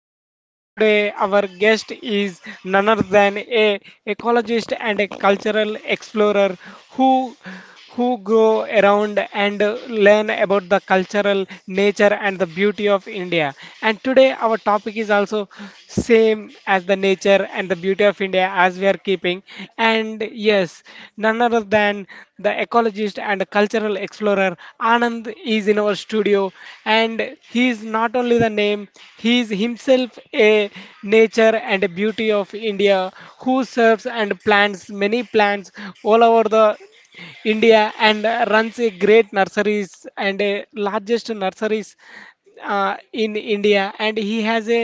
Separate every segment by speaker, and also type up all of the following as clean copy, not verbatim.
Speaker 1: Sam. And today, our guest is none other than a ecologist and a cultural explorer who who go around and learn about the cultural nature and the beauty of India. And today, our topic is also same as the nature and the beauty of India as we are keeping. And yes, none other than the ecologist and the cultural explorer Anand is in our studio, and he is not only the name, he is himself a nature and a beauty of India who serves and plants many plants all over the India and runs a great nurseries and a largest nurseries in India and he has a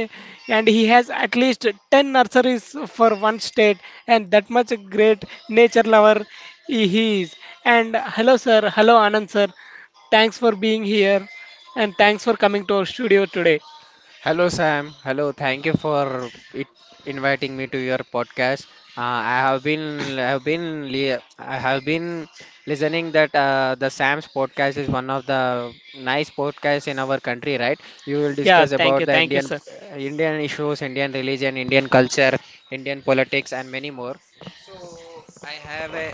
Speaker 1: and he has at least 10 nurseries for one state and that much great nature lover he is. And hello sir, hello Anand sir, thanks for being here and thanks for coming to our studio today.
Speaker 2: Hello, Sam. Hello. Thank you for it, inviting me to your podcast. Uh, I have been, I have been, li- I have been listening that the Sam's podcast is one of the nice podcasts in our country, right? You will
Speaker 1: Yeah,
Speaker 2: discuss
Speaker 1: thank
Speaker 2: about
Speaker 1: you,
Speaker 2: the
Speaker 1: thank you sir.
Speaker 2: Indian issues, Indian religion, Indian culture, Indian politics, and many more. So I have a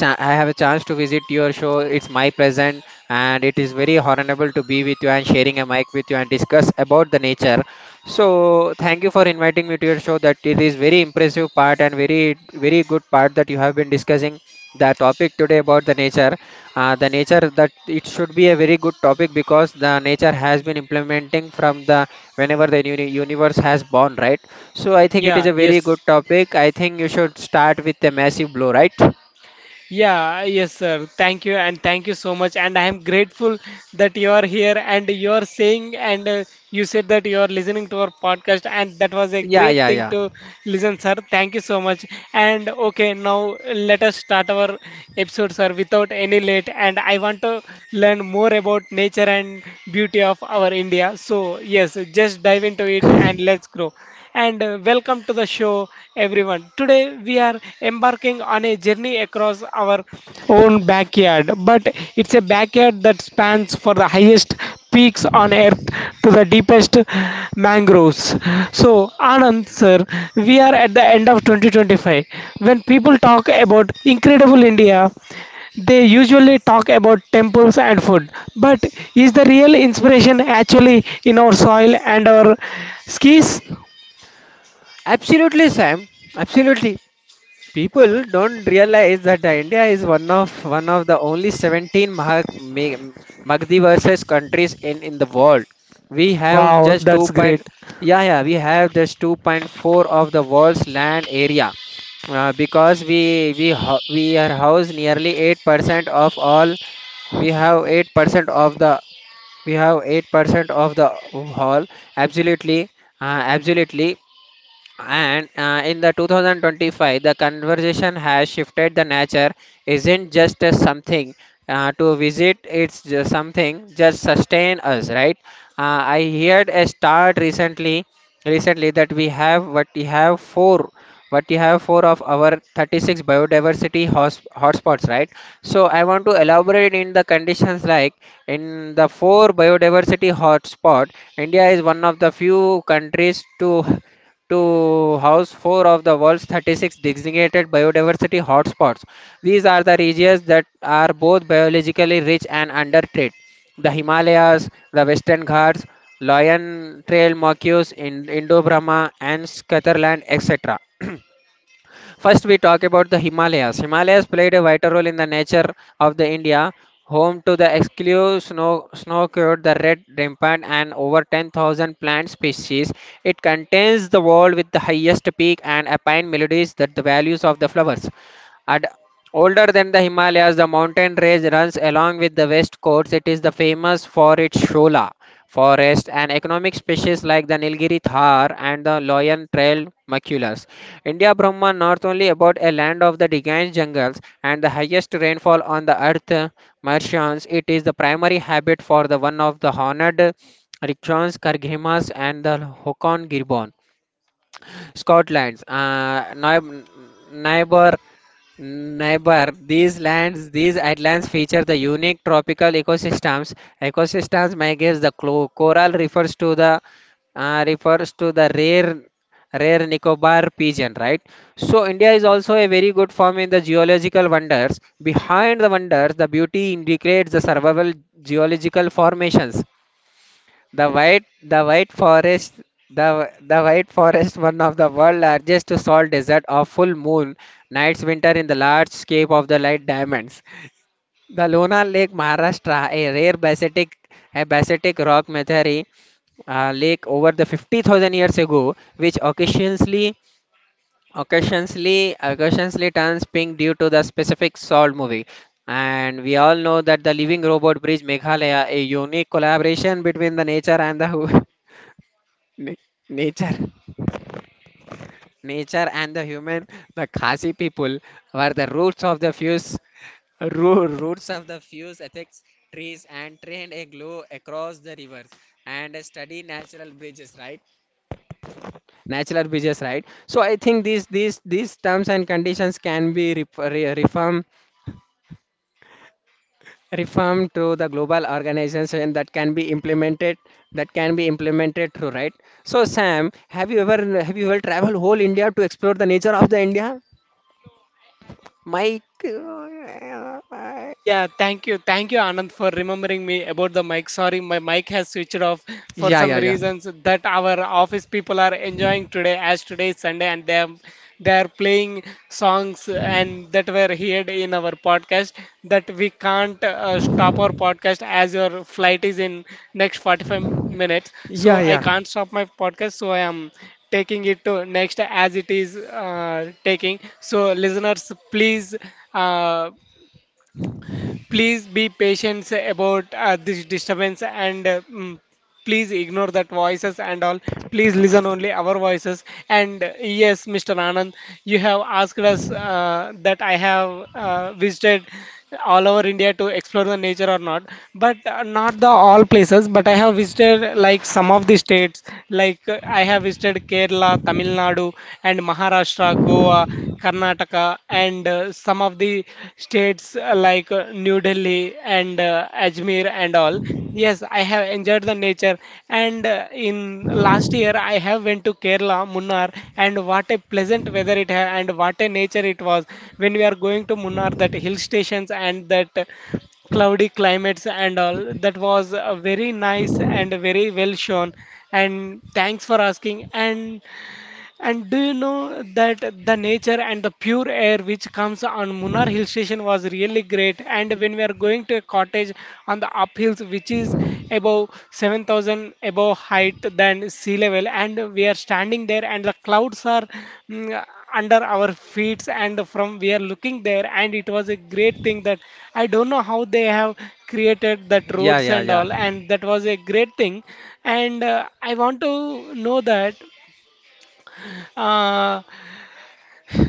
Speaker 2: cha- I have a chance to visit your show. It's my pleasant, and it is very honorable to be with you and sharing a mic with you and discuss about the nature. So, thank you for inviting me to your show. That it is very impressive part and very very good part that you have been discussing the topic today about the nature. The nature that it should be a very good topic because the nature has been implementing from the whenever the universe has born, right? So, I think it is
Speaker 1: Yeah,
Speaker 2: a very
Speaker 1: yes.
Speaker 2: good topic. I think you should start with a massive blow, right?
Speaker 1: Yeah, yes, sir. Thank you, and thank you so much. And I am grateful that you are here and you are saying, and you said that you are listening to our podcast, and that was a
Speaker 2: Yeah,
Speaker 1: great
Speaker 2: yeah,
Speaker 1: thing
Speaker 2: yeah.
Speaker 1: to listen, sir. Thank you so much. And okay, now let us start our episode, sir, without any late. And I want to learn more about nature and beauty of our India. So, yes, just dive into it and let's grow and welcome to the show, everyone. Today, we are embarking on a journey across our own backyard, but it's a backyard that spans for the highest peaks on earth to the deepest mangroves. So, Anand, sir, we are at the end of 2025. When people talk about incredible India, they usually talk about temples and food, but is the real inspiration actually in our soil and our skis?
Speaker 2: Absolutely, Sam. Absolutely. People don't realize that India is one of the only 17 Magdi versus countries in the world. We have
Speaker 1: Wow,
Speaker 2: just 2
Speaker 1: that's great.
Speaker 2: point, yeah, yeah, we have just 2.4 of the world's land area. Because we are house nearly 8% of all, we have 8% of the, we have 8% of the whole. Absolutely, absolutely. And in the 2025, the conversation has shifted. The nature isn't just a something, to visit; it's just something just sustain us, right? I heard a start recently that we have what we have four what we have four of our 36 biodiversity hotspots, right? So I want to elaborate in the conditions like in the four biodiversity hotspot. India is one of the few countries to house four of the world's 36 designated biodiversity hotspots. These are the regions that are both biologically rich and under threat. The Himalayas, the Western Ghats, Lion Trail Macaws in Indo-Brahma and Scatterland, etc. First, we talk about the Himalayas. Himalayas played a vital role in the nature of the India, home to the exclusive snow-covered, the red rampant, and over 10,000 plant species. It contains the world with the highest peak and alpine melodies that the values of the flowers. Ad- Older than the Himalayas, the mountain range runs along with the west coast. It is the famous for its shola forest and economic species like the Nilgiri Thar and the Loyan Trail maculus. India Brahma not only about a land of the dense jungles and the highest rainfall on the earth, Martians, it is the primary habit for the one of the honored Rikshans, Karghimas and the Hokon Gibbon. Scotland's neighbor neighbor these lands, these islands feature the unique tropical ecosystems, migrates the coral refers to the rare Nicobar pigeon, right? So India is also a very good form in the geological wonders, behind the wonders the beauty indicates the survival geological formations. The White Forest, the White Forest, one of the world's largest salt desert of full moon nights, winter in the large scape of the light diamonds. The Lona Lake, Maharashtra, a rare basaltic rock meteorite lake over the 50,000 years ago, which occasionally turns pink due to the specific salt movie. And we all know that the Living Robot Bridge Meghalaya, a unique collaboration between the nature and the hu- Na- nature nature and the human. The khasi people were the roots of the fuse, roots of the fuse ethics trees and trained a glow across the rivers and study natural bridges, right? Natural bridges, right? So I think these terms and conditions can be re- reformed reform through the global organization that can be implemented through, right? So Sam, have you ever traveled whole India to explore the nature of the India, mike?
Speaker 1: Yeah, Rimam, sorry, Marichid off for
Speaker 2: Yeah,
Speaker 1: some
Speaker 2: yeah, yeah.
Speaker 1: reasons that our office people are enjoying today as today is Sunday and they are playing songs and that is that we can't stop our podcast as your flight is in next 45 minutes. So
Speaker 2: Yeah,
Speaker 1: I
Speaker 2: yeah.
Speaker 1: can't stop my podcast. So I am taking it to next as it is taking. So listeners, please. Uh, Please be patient about this disturbance and please ignore that voices and all. Please listen only our voices. And yes, Mr. Anand, you have asked us that I have visited all over India to explore the nature or not, but not the all places. But I have visited like some of the states, like I have visited Kerala, Tamil Nadu, and Maharashtra, Goa. Karnataka, and some of the states like New Delhi and Ajmer and all. Yes, I have enjoyed the nature. And in last year, I have went to Kerala, Munnar, and what a pleasant weather it had, and what a nature it was. When we are going to Munnar, that hill stations and that cloudy climates and all that was very nice and very well shown and thanks for asking and do you know that the nature and the pure air which comes on Munnar Hill Station was really great. And when we are going to a cottage on the uphills, which is above 7,000 above height than sea level, and we are standing there, and the clouds are mm, under our feet, and from we are looking there, and it was a great thing that I don't know how they have created that
Speaker 2: Yeah,
Speaker 1: roads
Speaker 2: yeah,
Speaker 1: and
Speaker 2: yeah.
Speaker 1: all, and that was a great thing. And I want to know that. Uh,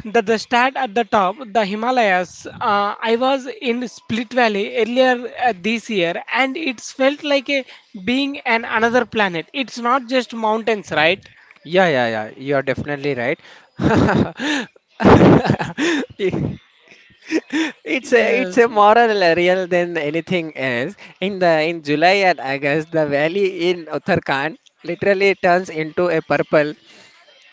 Speaker 1: the start at the top, the Himalayas. I was in Split Valley earlier this year, and it's felt like a, being an another planet. It's not just mountains, right?
Speaker 2: Yeah, yeah, yeah. You are definitely right. It's a it's
Speaker 1: Yes,
Speaker 2: a moral real than anything else. In July and August, the valley in Uttarakhand literally turns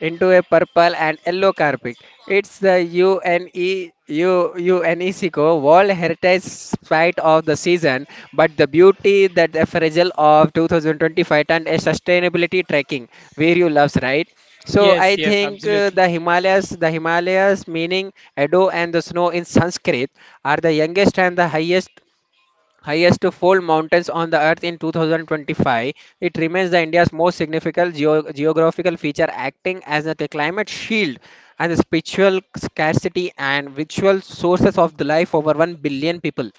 Speaker 2: into a purple and yellow carpet. It's the UNESCO World Heritage Site of the season, but the beauty that the fragile of 2025 turned a sustainability tracking where you loves, right? So
Speaker 1: yes,
Speaker 2: I
Speaker 1: yes,
Speaker 2: think
Speaker 1: absolutely.
Speaker 2: the Himalayas meaning Edo and the snow in Sanskrit are the youngest and the highest to fold mountains on the earth. In 2025, it remains the India's most significant geographical feature, acting as a climate shield and the spiritual scarcity and ritual sources of the life over 1 billion people.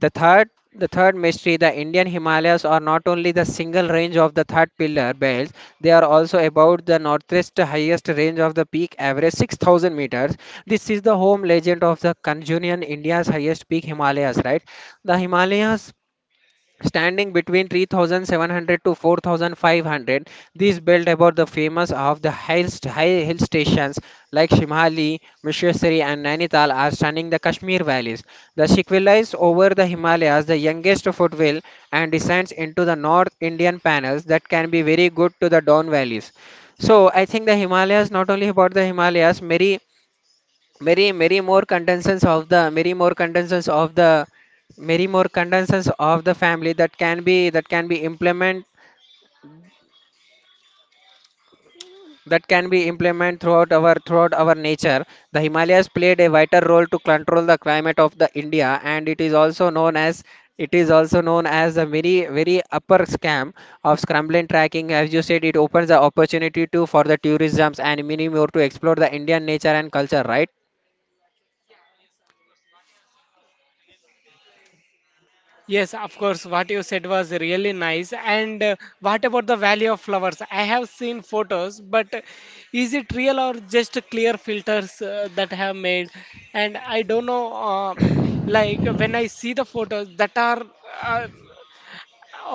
Speaker 2: the third, the third mystery, the Indian Himalayas are not only the single range of the third pillar belts, they are also about the northeast highest range of the peak average 6000 meters. This is the home legend of the Kanjunian India's highest peak Himalayas, right? The Himalayas standing between 3700 to 4500, this built about the famous of the high hill stations like Shimhali Mishwasari and Nainital are stunning the Kashmir valleys. The sequelize over the Himalayas, the youngest foothill and descends into the north Indian panels that can be very good to the down valleys. So I think the Himalayas not only about the Himalayas, many more contestants of the many more contestants of the many more contestants of the family that can be that can be implement throughout our nature. The Himalayas played a vital role to control the climate of the India and it is also known as, the very very upper scam of scrambling tracking. As you said, it opens the opportunity to for the tourisms and many more to explore the Indian nature and culture, right?
Speaker 1: Yes, of course, what you said was really nice. And what about the Valley of Flowers? I have seen photos, but is it real or just clear filters that have made? And I don't know, like when I see the photos that are uh,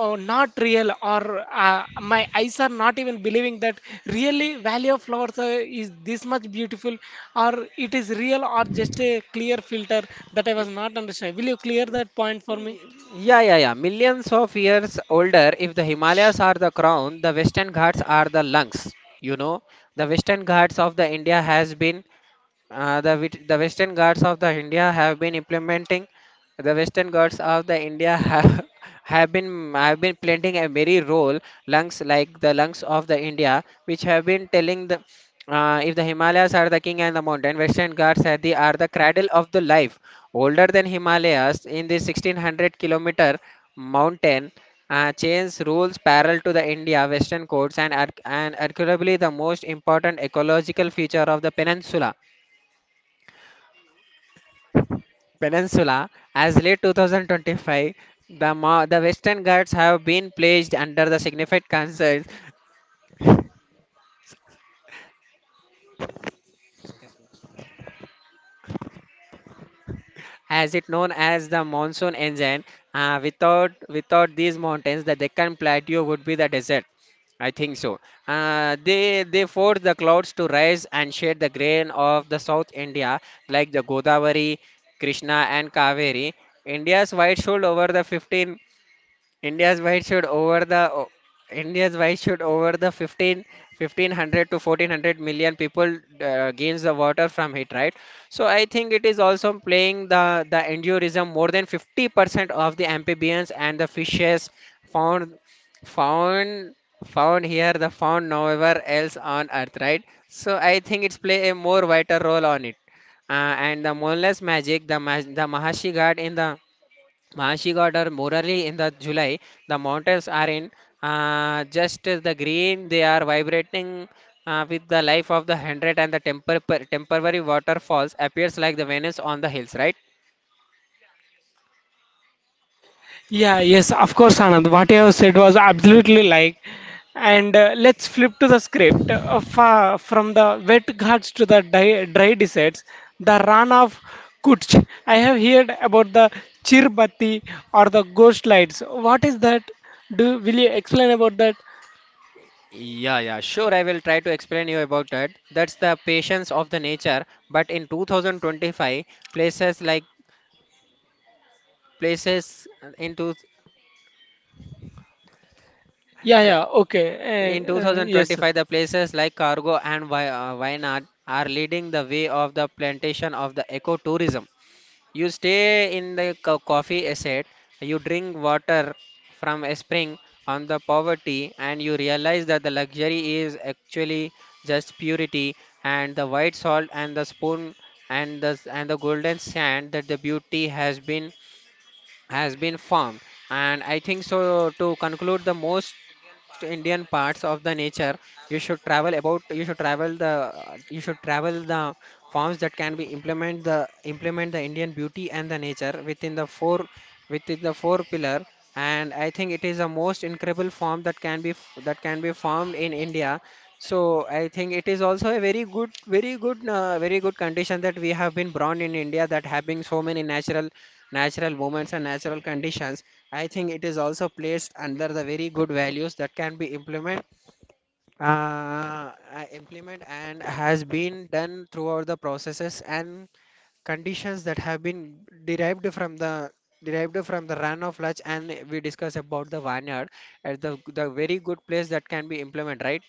Speaker 1: oh, not real, or my eyes are not even believing that really Valley of Flowers is this much beautiful, or it is real or just a clear filter that I was not understanding. Will you clear that point for me?
Speaker 2: Yeah, yeah, yeah. Millions of years older, if the Himalayas are the crown, the Western Ghats are the lungs. You know, the Western Ghats of the India has been, the Western Ghats of the India have been implementing. The Western Ghats of the India have, have been playing a very role, lungs like the lungs of the India, which have been telling the, if the Himalayas are the king and the mountain, Western Ghats are the cradle of the life. Older than Himalayas, in the 1600 kilometer mountain chains rules parallel to the India Western coasts and and arguably the most important ecological feature of the peninsula. Peninsula, as late 2025, the Western Ghats have been placed under the significant concerns as it known as the monsoon engine. Without these mountains, the Deccan Plateau would be the desert. I think so. They force the clouds to rise and shade the grain of the South India, like the Godavari, Krishna, and Kaveri. India's wide shield over the 15. India's wide should over the o- India's wide should over the 1500 to 1400 million people gains the water from it, right? So I think it is also playing the endurism more than 50% of the amphibians and the fishes, found found found here the found nowhere else on earth, right? So I think it's play a more vital role on it. uh, and the moonless magic, the the mahashi god in the, she got her morally in the July. The mountains are in, just the green. They are vibrating with the life of the hundred and the temporary waterfalls appears like the Venus on the hills, right?
Speaker 1: Yeah, yes, of course, Anand. What you have said was absolutely like. And let's flip to the script. From the wet ghats to the dry deserts, the run of Kutch. I have heard about the Chirbati or the ghost lights. What is that? Do will you explain about that?
Speaker 2: Yeah, yeah, sure. I will try to explain you about that. That's the patience of the nature. But in 2025, places like places into
Speaker 1: Yeah,
Speaker 2: the
Speaker 1: yeah, okay.
Speaker 2: In
Speaker 1: Yes.
Speaker 2: 2025, the places like Cargo and Wayanad are leading the way of the plantation of the ecotourism. You stay in the coffee estate, you drink water from a spring on the poverty, and you realize that the luxury is actually just purity and the white salt and the spoon and the golden sand that the beauty has been formed. And I think, so to conclude the most indian parts of the nature, you should travel about you should travel the you should travel the forms that can be implement the indian beauty and the nature within the four pillar. And I think it is the most incredible form that that can be formed in india. So I think it is also a very good condition that we have been born in India, that having so many natural moments and natural conditions. I think it is also placed under the very good values that can be implement, implement and has been done throughout the processes and conditions that have been derived from the run of lunch, and we discuss about the vineyard as the very good place that can be implemented, right?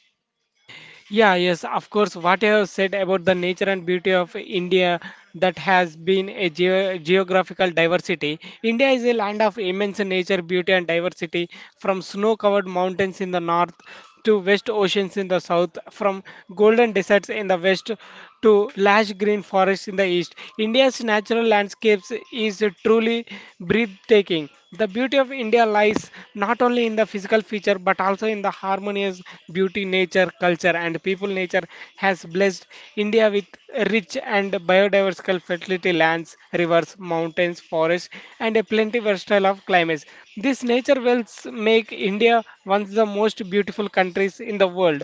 Speaker 1: Yeah, yes, of course. What you have said about the nature and beauty of India that has been a geographical diversity. India is a land of immense nature, beauty, and diversity, from snow-covered mountains in the north to west oceans in the south, from golden deserts in the west to lush green forests in the east. India's natural landscapes is truly breathtaking. The beauty of India lies not only in the physical feature but also in the harmonious beauty nature, culture, and people nature has blessed India with rich and biodiversical fertility lands, rivers, mountains, forests, and a plenty versatile of climates. These nature wells make India one of the most beautiful countries in the world.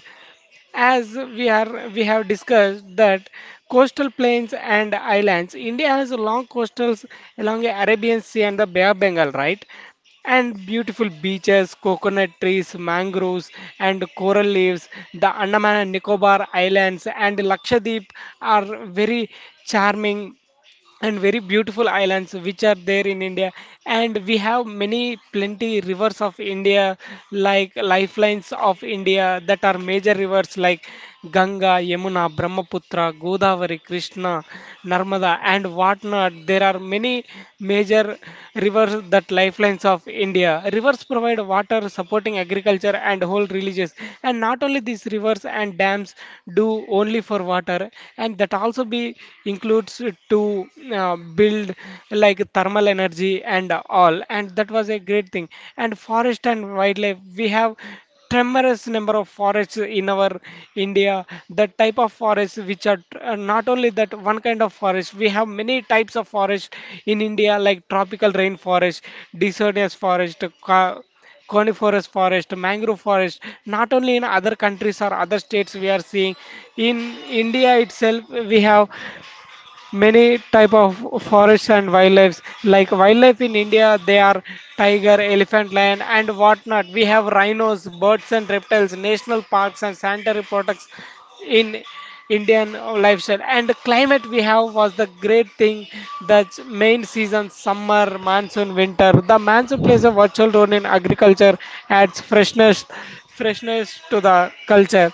Speaker 1: As we have discussed that coastal plains and islands, India has long coastals along the Arabian Sea and the Bay of Bengal, right? And beautiful beaches, coconut trees, mangroves, and coral reefs. The Andaman and Nicobar Islands and Lakshadweep are very charming and very beautiful islands which are there in India. And we have many plenty rivers of India, like lifelines of India that are major rivers like Ganga, Yamuna, Brahmaputra, Godavari, Krishna, Narmada, and whatnot. There are many major rivers that lifelines of India. Rivers provide water, supporting agriculture and whole religious. And not only these rivers and dams do only for water, and that also be includes it's to build like thermal energy and all, and that was a great thing. And forest and wildlife, we have tremendous number of forests in our India. The type of forests which are not only that one kind of forest, we have many types of forest in India, like tropical rainforest, deciduous forest, coniferous forest, mangrove forest. Not only in other countries or other states, we are seeing in India itself, we have many type of forests and wildlife. Like wildlife in India, they are tiger, elephant, lion, and whatnot. We have rhinos, birds, and reptiles, national parks and sanitary products in Indian lifestyle. And the climate we have was the great thing, that main season summer, monsoon, winter. The monsoon plays a virtual role in agriculture, adds freshness to the culture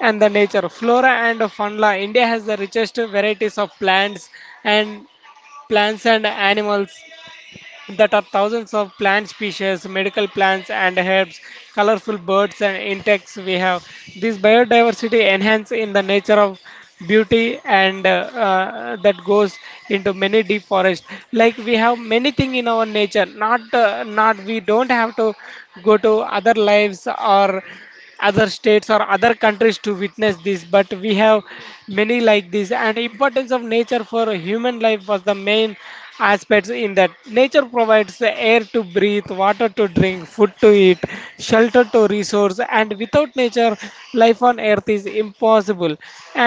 Speaker 1: and the nature. Flora and fauna. India has the richest varieties of plants and animals, that are thousands of plant species, medical plants and herbs, colorful birds and insects we have. This biodiversity enhance in the nature of beauty and that goes into many deep forest, like we have many thing in our nature. Not not we don't have to go to other lives or other states or other countries to witness this, but we have many like this. And importance of nature for human life was the main aspects in that, nature provides air to breathe, water to drink, food to eat, shelter to resource, and without nature life on earth is impossible.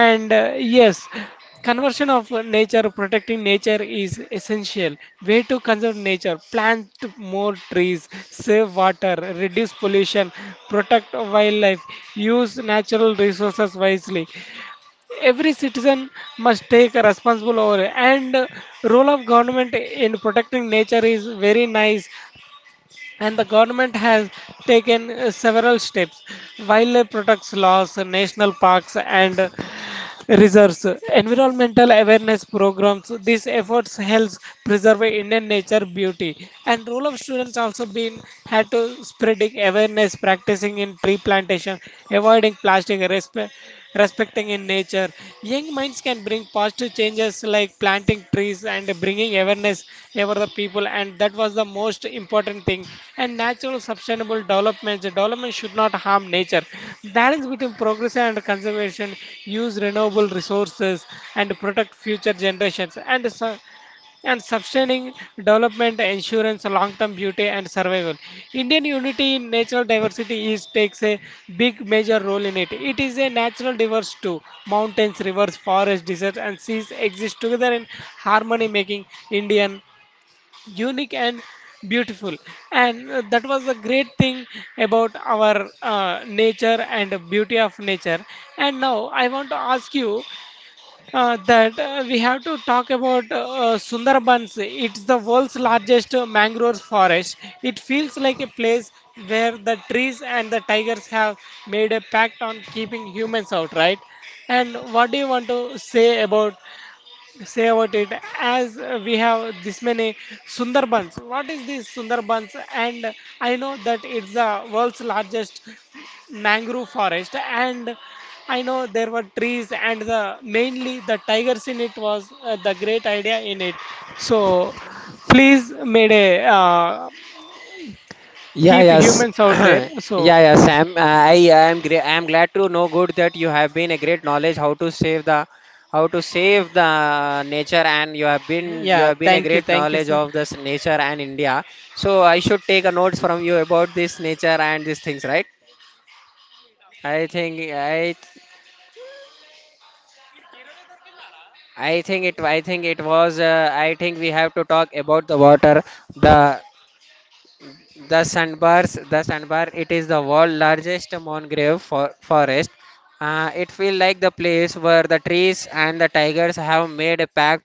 Speaker 1: And yes. Conversion of nature, protecting nature is essential. Way to conserve nature, plant more trees, save water, reduce pollution, protect wildlife, use natural resources wisely. Every citizen must take a responsible over it. And role of government in protecting nature is very nice, and the government has taken several steps. Wildlife protects laws, national parks, and reserves, environmental awareness programs. These efforts helps preserve Indian nature beauty. And role of students also been had to spreading awareness, practicing in tree plantation, avoiding plastic, respecting in nature. Young minds can bring positive changes like planting trees and bringing awareness over the people, and that was the most important thing. And natural sustainable development should not harm nature, balance between progress and conservation, use renewable resources and protect future generations. And so, and sustaining development, insurance, long-term beauty and survival. Indian unity in natural diversity is takes a big major role in it. It is a natural diverse too. Mountains, rivers, forests, deserts and seas exist together in harmony, making Indian unique and beautiful, and that was the great thing about our nature and beauty of nature. And now I want to ask you that we have to talk about Sundarbans. It's the world's largest mangrove forest. It feels like a place where the trees and the tigers have made a pact on keeping humans out, right? And what do you want to say about it as we have this many Sundarbans. What is this Sundarbans? And I know that it's the world's largest mangrove forest. And I know there were trees and the mainly the tigers in it was the great idea in it. So please, made a
Speaker 2: Yeah,
Speaker 1: keep
Speaker 2: yes.
Speaker 1: humans out there. So
Speaker 2: Yeah, yeah, Sam. I am glad to know good that you have been a great knowledge how to save the how to save the nature, and you
Speaker 1: yeah,
Speaker 2: have been a great
Speaker 1: thank you,
Speaker 2: knowledge
Speaker 1: sir.
Speaker 2: of this nature and India. So I should take a notes from you about this nature and these things, right? I think I I think it was, I think we have to talk about the water, the the sandbars. The sandbar, it is the world largest mangrove forest. It feels like the place where the trees and the tigers have made a pact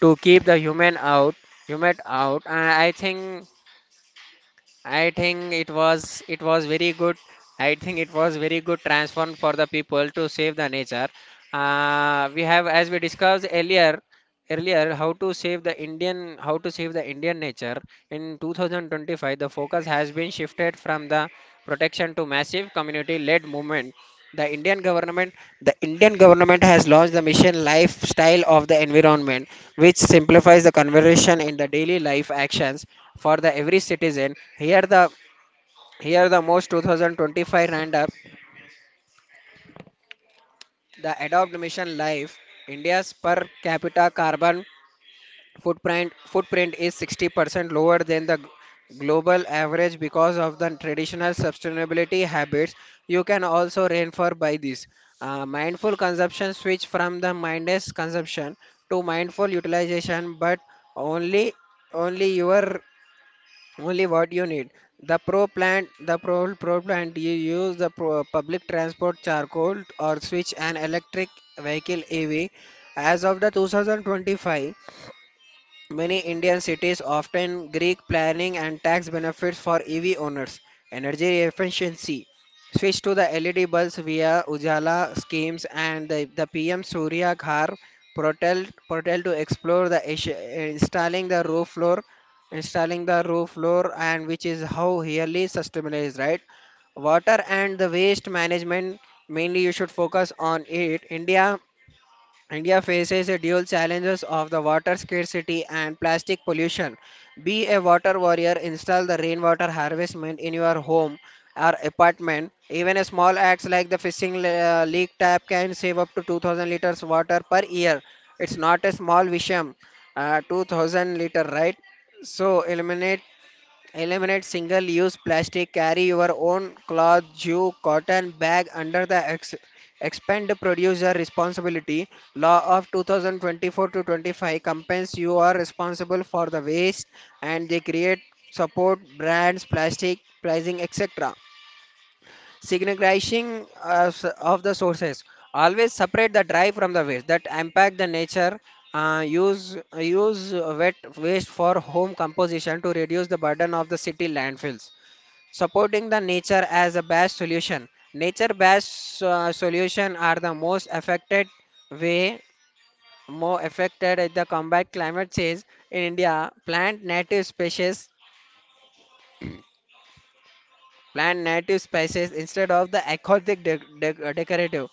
Speaker 2: to keep the human out. I think it was very good. I think it was very good transform for the people to save the nature we have, as we discussed earlier earlier, how to save the indian nature. In 2025, the focus has been shifted from the protection to massive community led movement. the indian government the indian government has launched the mission lifestyle of the environment, which simplifies the conversation in the daily life actions for the every citizen. Here the most 2025 roundup: the adopt mission life. India's per capita carbon footprint is 60% lower than the global average because of the traditional sustainability habits you can also reinforce by this. Mindful consumption, switch from the mindless consumption to mindful utilization, but only only your only what you need. The pro plant the pro, pro plant, you use the pro, public transport charcoal, or switch an electric vehicle, EV. As of the 2025, many Indian cities often Greek planning and tax benefits for EV owners. Energy efficiency. Switch to the LED bulbs via Ujala schemes and the PM Surya Ghar portal, to explore the installing the roof floor, installing the roof floor, and which is how really sustainable is, right? Water and the waste management, mainly you should focus on it. India faces a dual challenges of the water scarcity and plastic pollution. Be a water warrior, install the rainwater harvestment in your home or apartment. Even a small acts like the leak tap can save up to 2,000 liters water per year. It's not a small Visham, 2,000 liter, right? So eliminate Eliminate single use plastic, carry your own cloth, jute, cotton bag under the expand producer responsibility. Law of 2024 to 25, companies you are responsible for the waste, and they create support brands, plastic pricing, etc, signifying of the sources. Always separate the dry from the waste that impact the nature. Use wet waste for home composition to reduce the burden of the city landfills. Supporting the nature as a best solution. Nature-based solution are the most affected way, more affected at the combat climate change in India. Plant native species instead of the aquatic decorative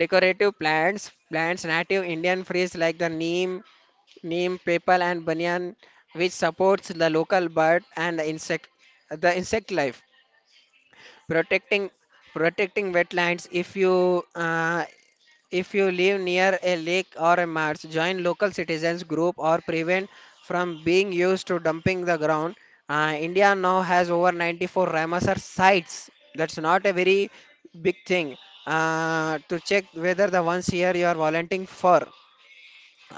Speaker 2: decorative plants, plants native Indian trees like the neem, papal and banyan, which supports the local bird and the insect life, protecting protecting wetlands. If you if you live near a lake or a marsh, join local citizens group or prevent from being used to dumping the ground. Uh, india now has over 94 ramsar sites, that's not a very big thing, to check whether the ones here you are volunteering for.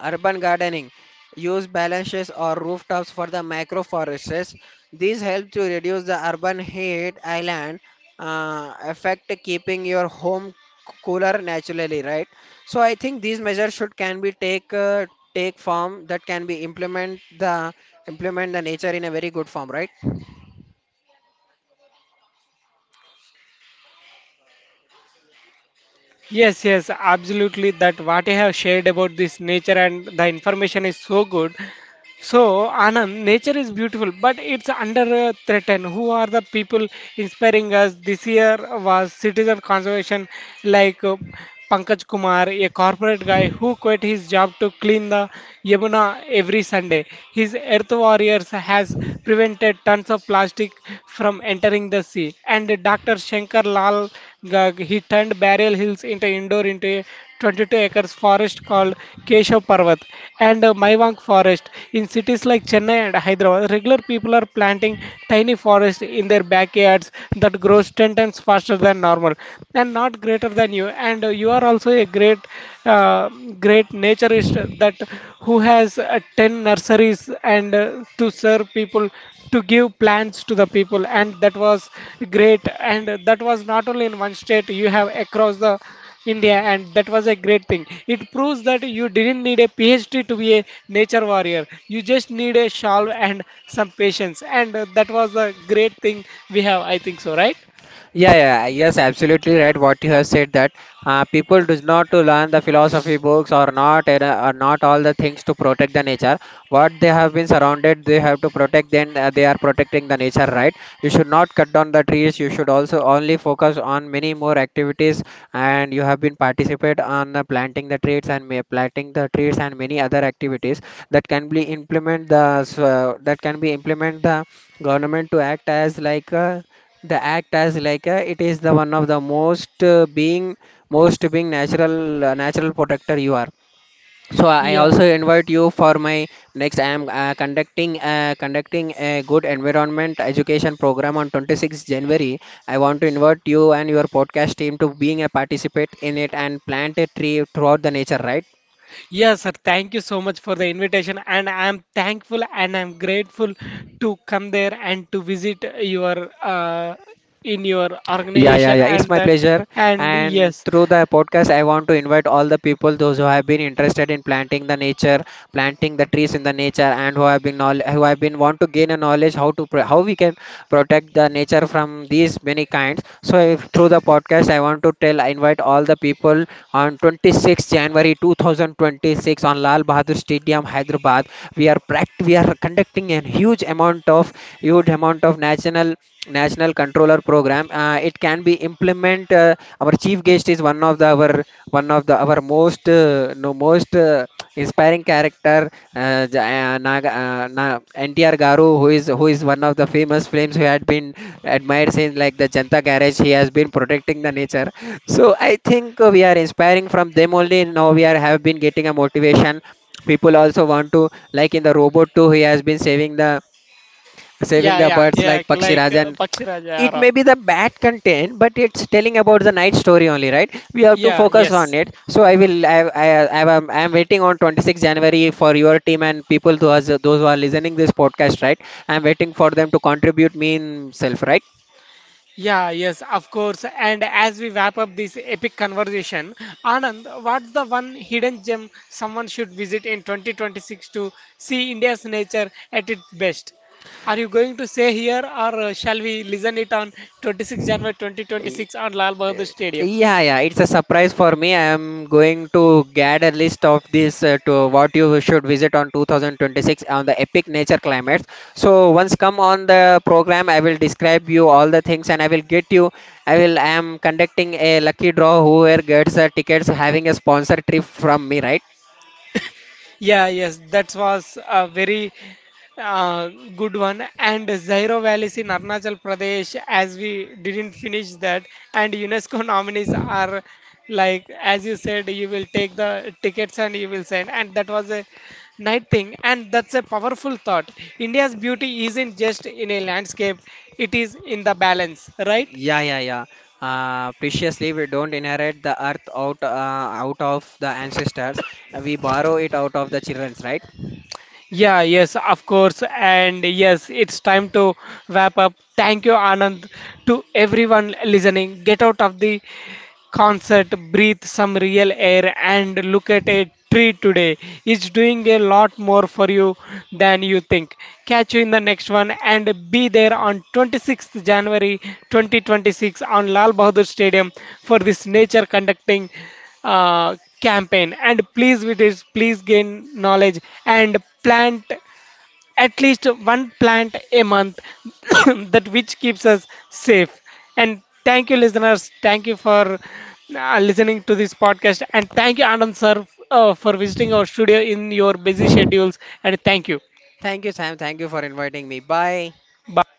Speaker 2: Urban gardening. Use balances or rooftops for the microforests. These help to reduce the urban heat island effect, keeping your home cooler naturally, right? So I think these measures should can be take, take form that can be implement the nature in a very good form, right?
Speaker 1: Yes, yes, absolutely. That what I have shared about this nature and the information is so good. So, Anand, nature is beautiful, but it's under threat. And who are the people inspiring us? This year was citizen conservation, like Pankaj Kumar, a corporate guy who quit his job to clean the Yamuna every Sunday. His Earth Warriors has prevented tons of plastic from entering the sea. And Dr. Shankar Lal Gag, he turned Barrel Hills into indoor into a 22 acres forest called Keshav Parvat and Maivank Forest. In cities like Chennai and Hyderabad, regular people are planting tiny forests in their backyards that grows 10 times faster than normal and not greater than you. And you are also a great, uh, great naturist that who has 10 nurseries and to serve people to give plants to the people, and that was great, and that was not only in one state, you have across the India, and that was a great thing. It proves that you didn't need a PhD to be a nature warrior. You just need a shawl and some patience, and that was a great thing we have. I think so, right?
Speaker 2: Yeah, yeah, yes, absolutely right. What you have said that people does not to learn the philosophy books or not, and or not all the things to protect the nature. What they have been surrounded, they have to protect. Then they are protecting the nature, right? You should not cut down the trees. You should also only focus on many more activities, and you have been participate on planting the trees and planting the trees and many other activities that can be implement the that can be implement the government to act as like. The act as like a, it is the one of the most being most being natural natural protector you are. So I
Speaker 1: Yeah.
Speaker 2: also invite you for my next, I am conducting a good environment education program on 26th january. I want to invite you and your podcast team to being a participate in it and plant a tree throughout the nature, right?
Speaker 1: Yes, sir, thank you so much for the invitation, and I'm thankful and I'm grateful to come there and to visit your in your
Speaker 2: Yeah, yeah,
Speaker 1: organization
Speaker 2: yeah. It's
Speaker 1: and
Speaker 2: my
Speaker 1: that
Speaker 2: pleasure.
Speaker 1: and
Speaker 2: And
Speaker 1: yes.
Speaker 2: through the podcast, I want to invite all the people, those who have been interested in planting the nature, planting the trees in the nature, and who have been who have been want to gain a knowledge how to how we can protect the nature from these many kinds. So if, through the podcast, I want to tell, I invite all the people on 26th January 2026 on Lal Bahadur Stadium, Hyderabad. We are conducting a huge amount amount of huge amount of national controller program, it can be implement our chief guest is one of the our most no most inspiring character, uh, J- uh, Naga, uh, Na, NTR Garu, who is one of the famous flames who had been admired since like the Janta garage. He has been protecting the nature. So I think we are inspiring from them only, now we are have been getting a motivation. People also want to, like in the robot too, he has been saving
Speaker 1: Yeah,
Speaker 2: the
Speaker 1: yeah,
Speaker 2: birds
Speaker 1: yeah,
Speaker 2: like Pakshi
Speaker 1: like
Speaker 2: Raja.
Speaker 1: Pakshiraj
Speaker 2: It
Speaker 1: Yara.
Speaker 2: may be the bad content, but it's telling about the night story only, right? We have to
Speaker 1: Yeah,
Speaker 2: focus on
Speaker 1: yes.
Speaker 2: it. So I am I am waiting on 26th january for your team and people who us, those who are listening this podcast, right? I am waiting for them to contribute me in self, right?
Speaker 1: Yeah, yes, of course. And as we wrap up this epic conversation, Anand, what's the one hidden gem someone should visit in 2026 to see India's nature at its best? Are you going to say here or shall we listen it on 26 January 2026 on Lal Bahadur Stadium?
Speaker 2: Yeah, yeah, it's a surprise for me. I am going to get a list of this to what you should visit on 2026 on the epic nature climates. So once come on the program, I will describe you all the things and I will get you. I will. I am conducting a lucky draw, whoever gets the tickets having a sponsor trip from me, right?
Speaker 1: Yeah, yes, that was a very uh, good one. And Zairo Valleys in Arunachal Pradesh, as we didn't finish that, and UNESCO nominees are like, as you said, you will take the tickets and you will send. And that was a night thing. And that's a powerful thought. India's beauty isn't just in a landscape, it is in the balance, right?
Speaker 2: Yeah, yeah, yeah. Preciously, we don't inherit the earth out, out of the ancestors. We borrow it out of the childrens, right?
Speaker 1: Yeah, yes, of course. And yes, it's time to wrap up. Thank you, Anand, to everyone listening. Get out of the concert, breathe some real air, and look at a tree today. It's doing a lot more for you than you think. Catch you in the next one and be there on 26th January 2026 on Lal Bahadur Stadium for this nature conducting uh, campaign. And please, with this, please gain knowledge and plant at least one plant a month that which keeps us safe. And thank you, listeners, thank you for listening to this podcast, and thank you, Anand sir, for visiting our studio in your busy schedules, and thank you,
Speaker 2: Thank you, Sam. Thank you for inviting me. Bye.
Speaker 1: bye.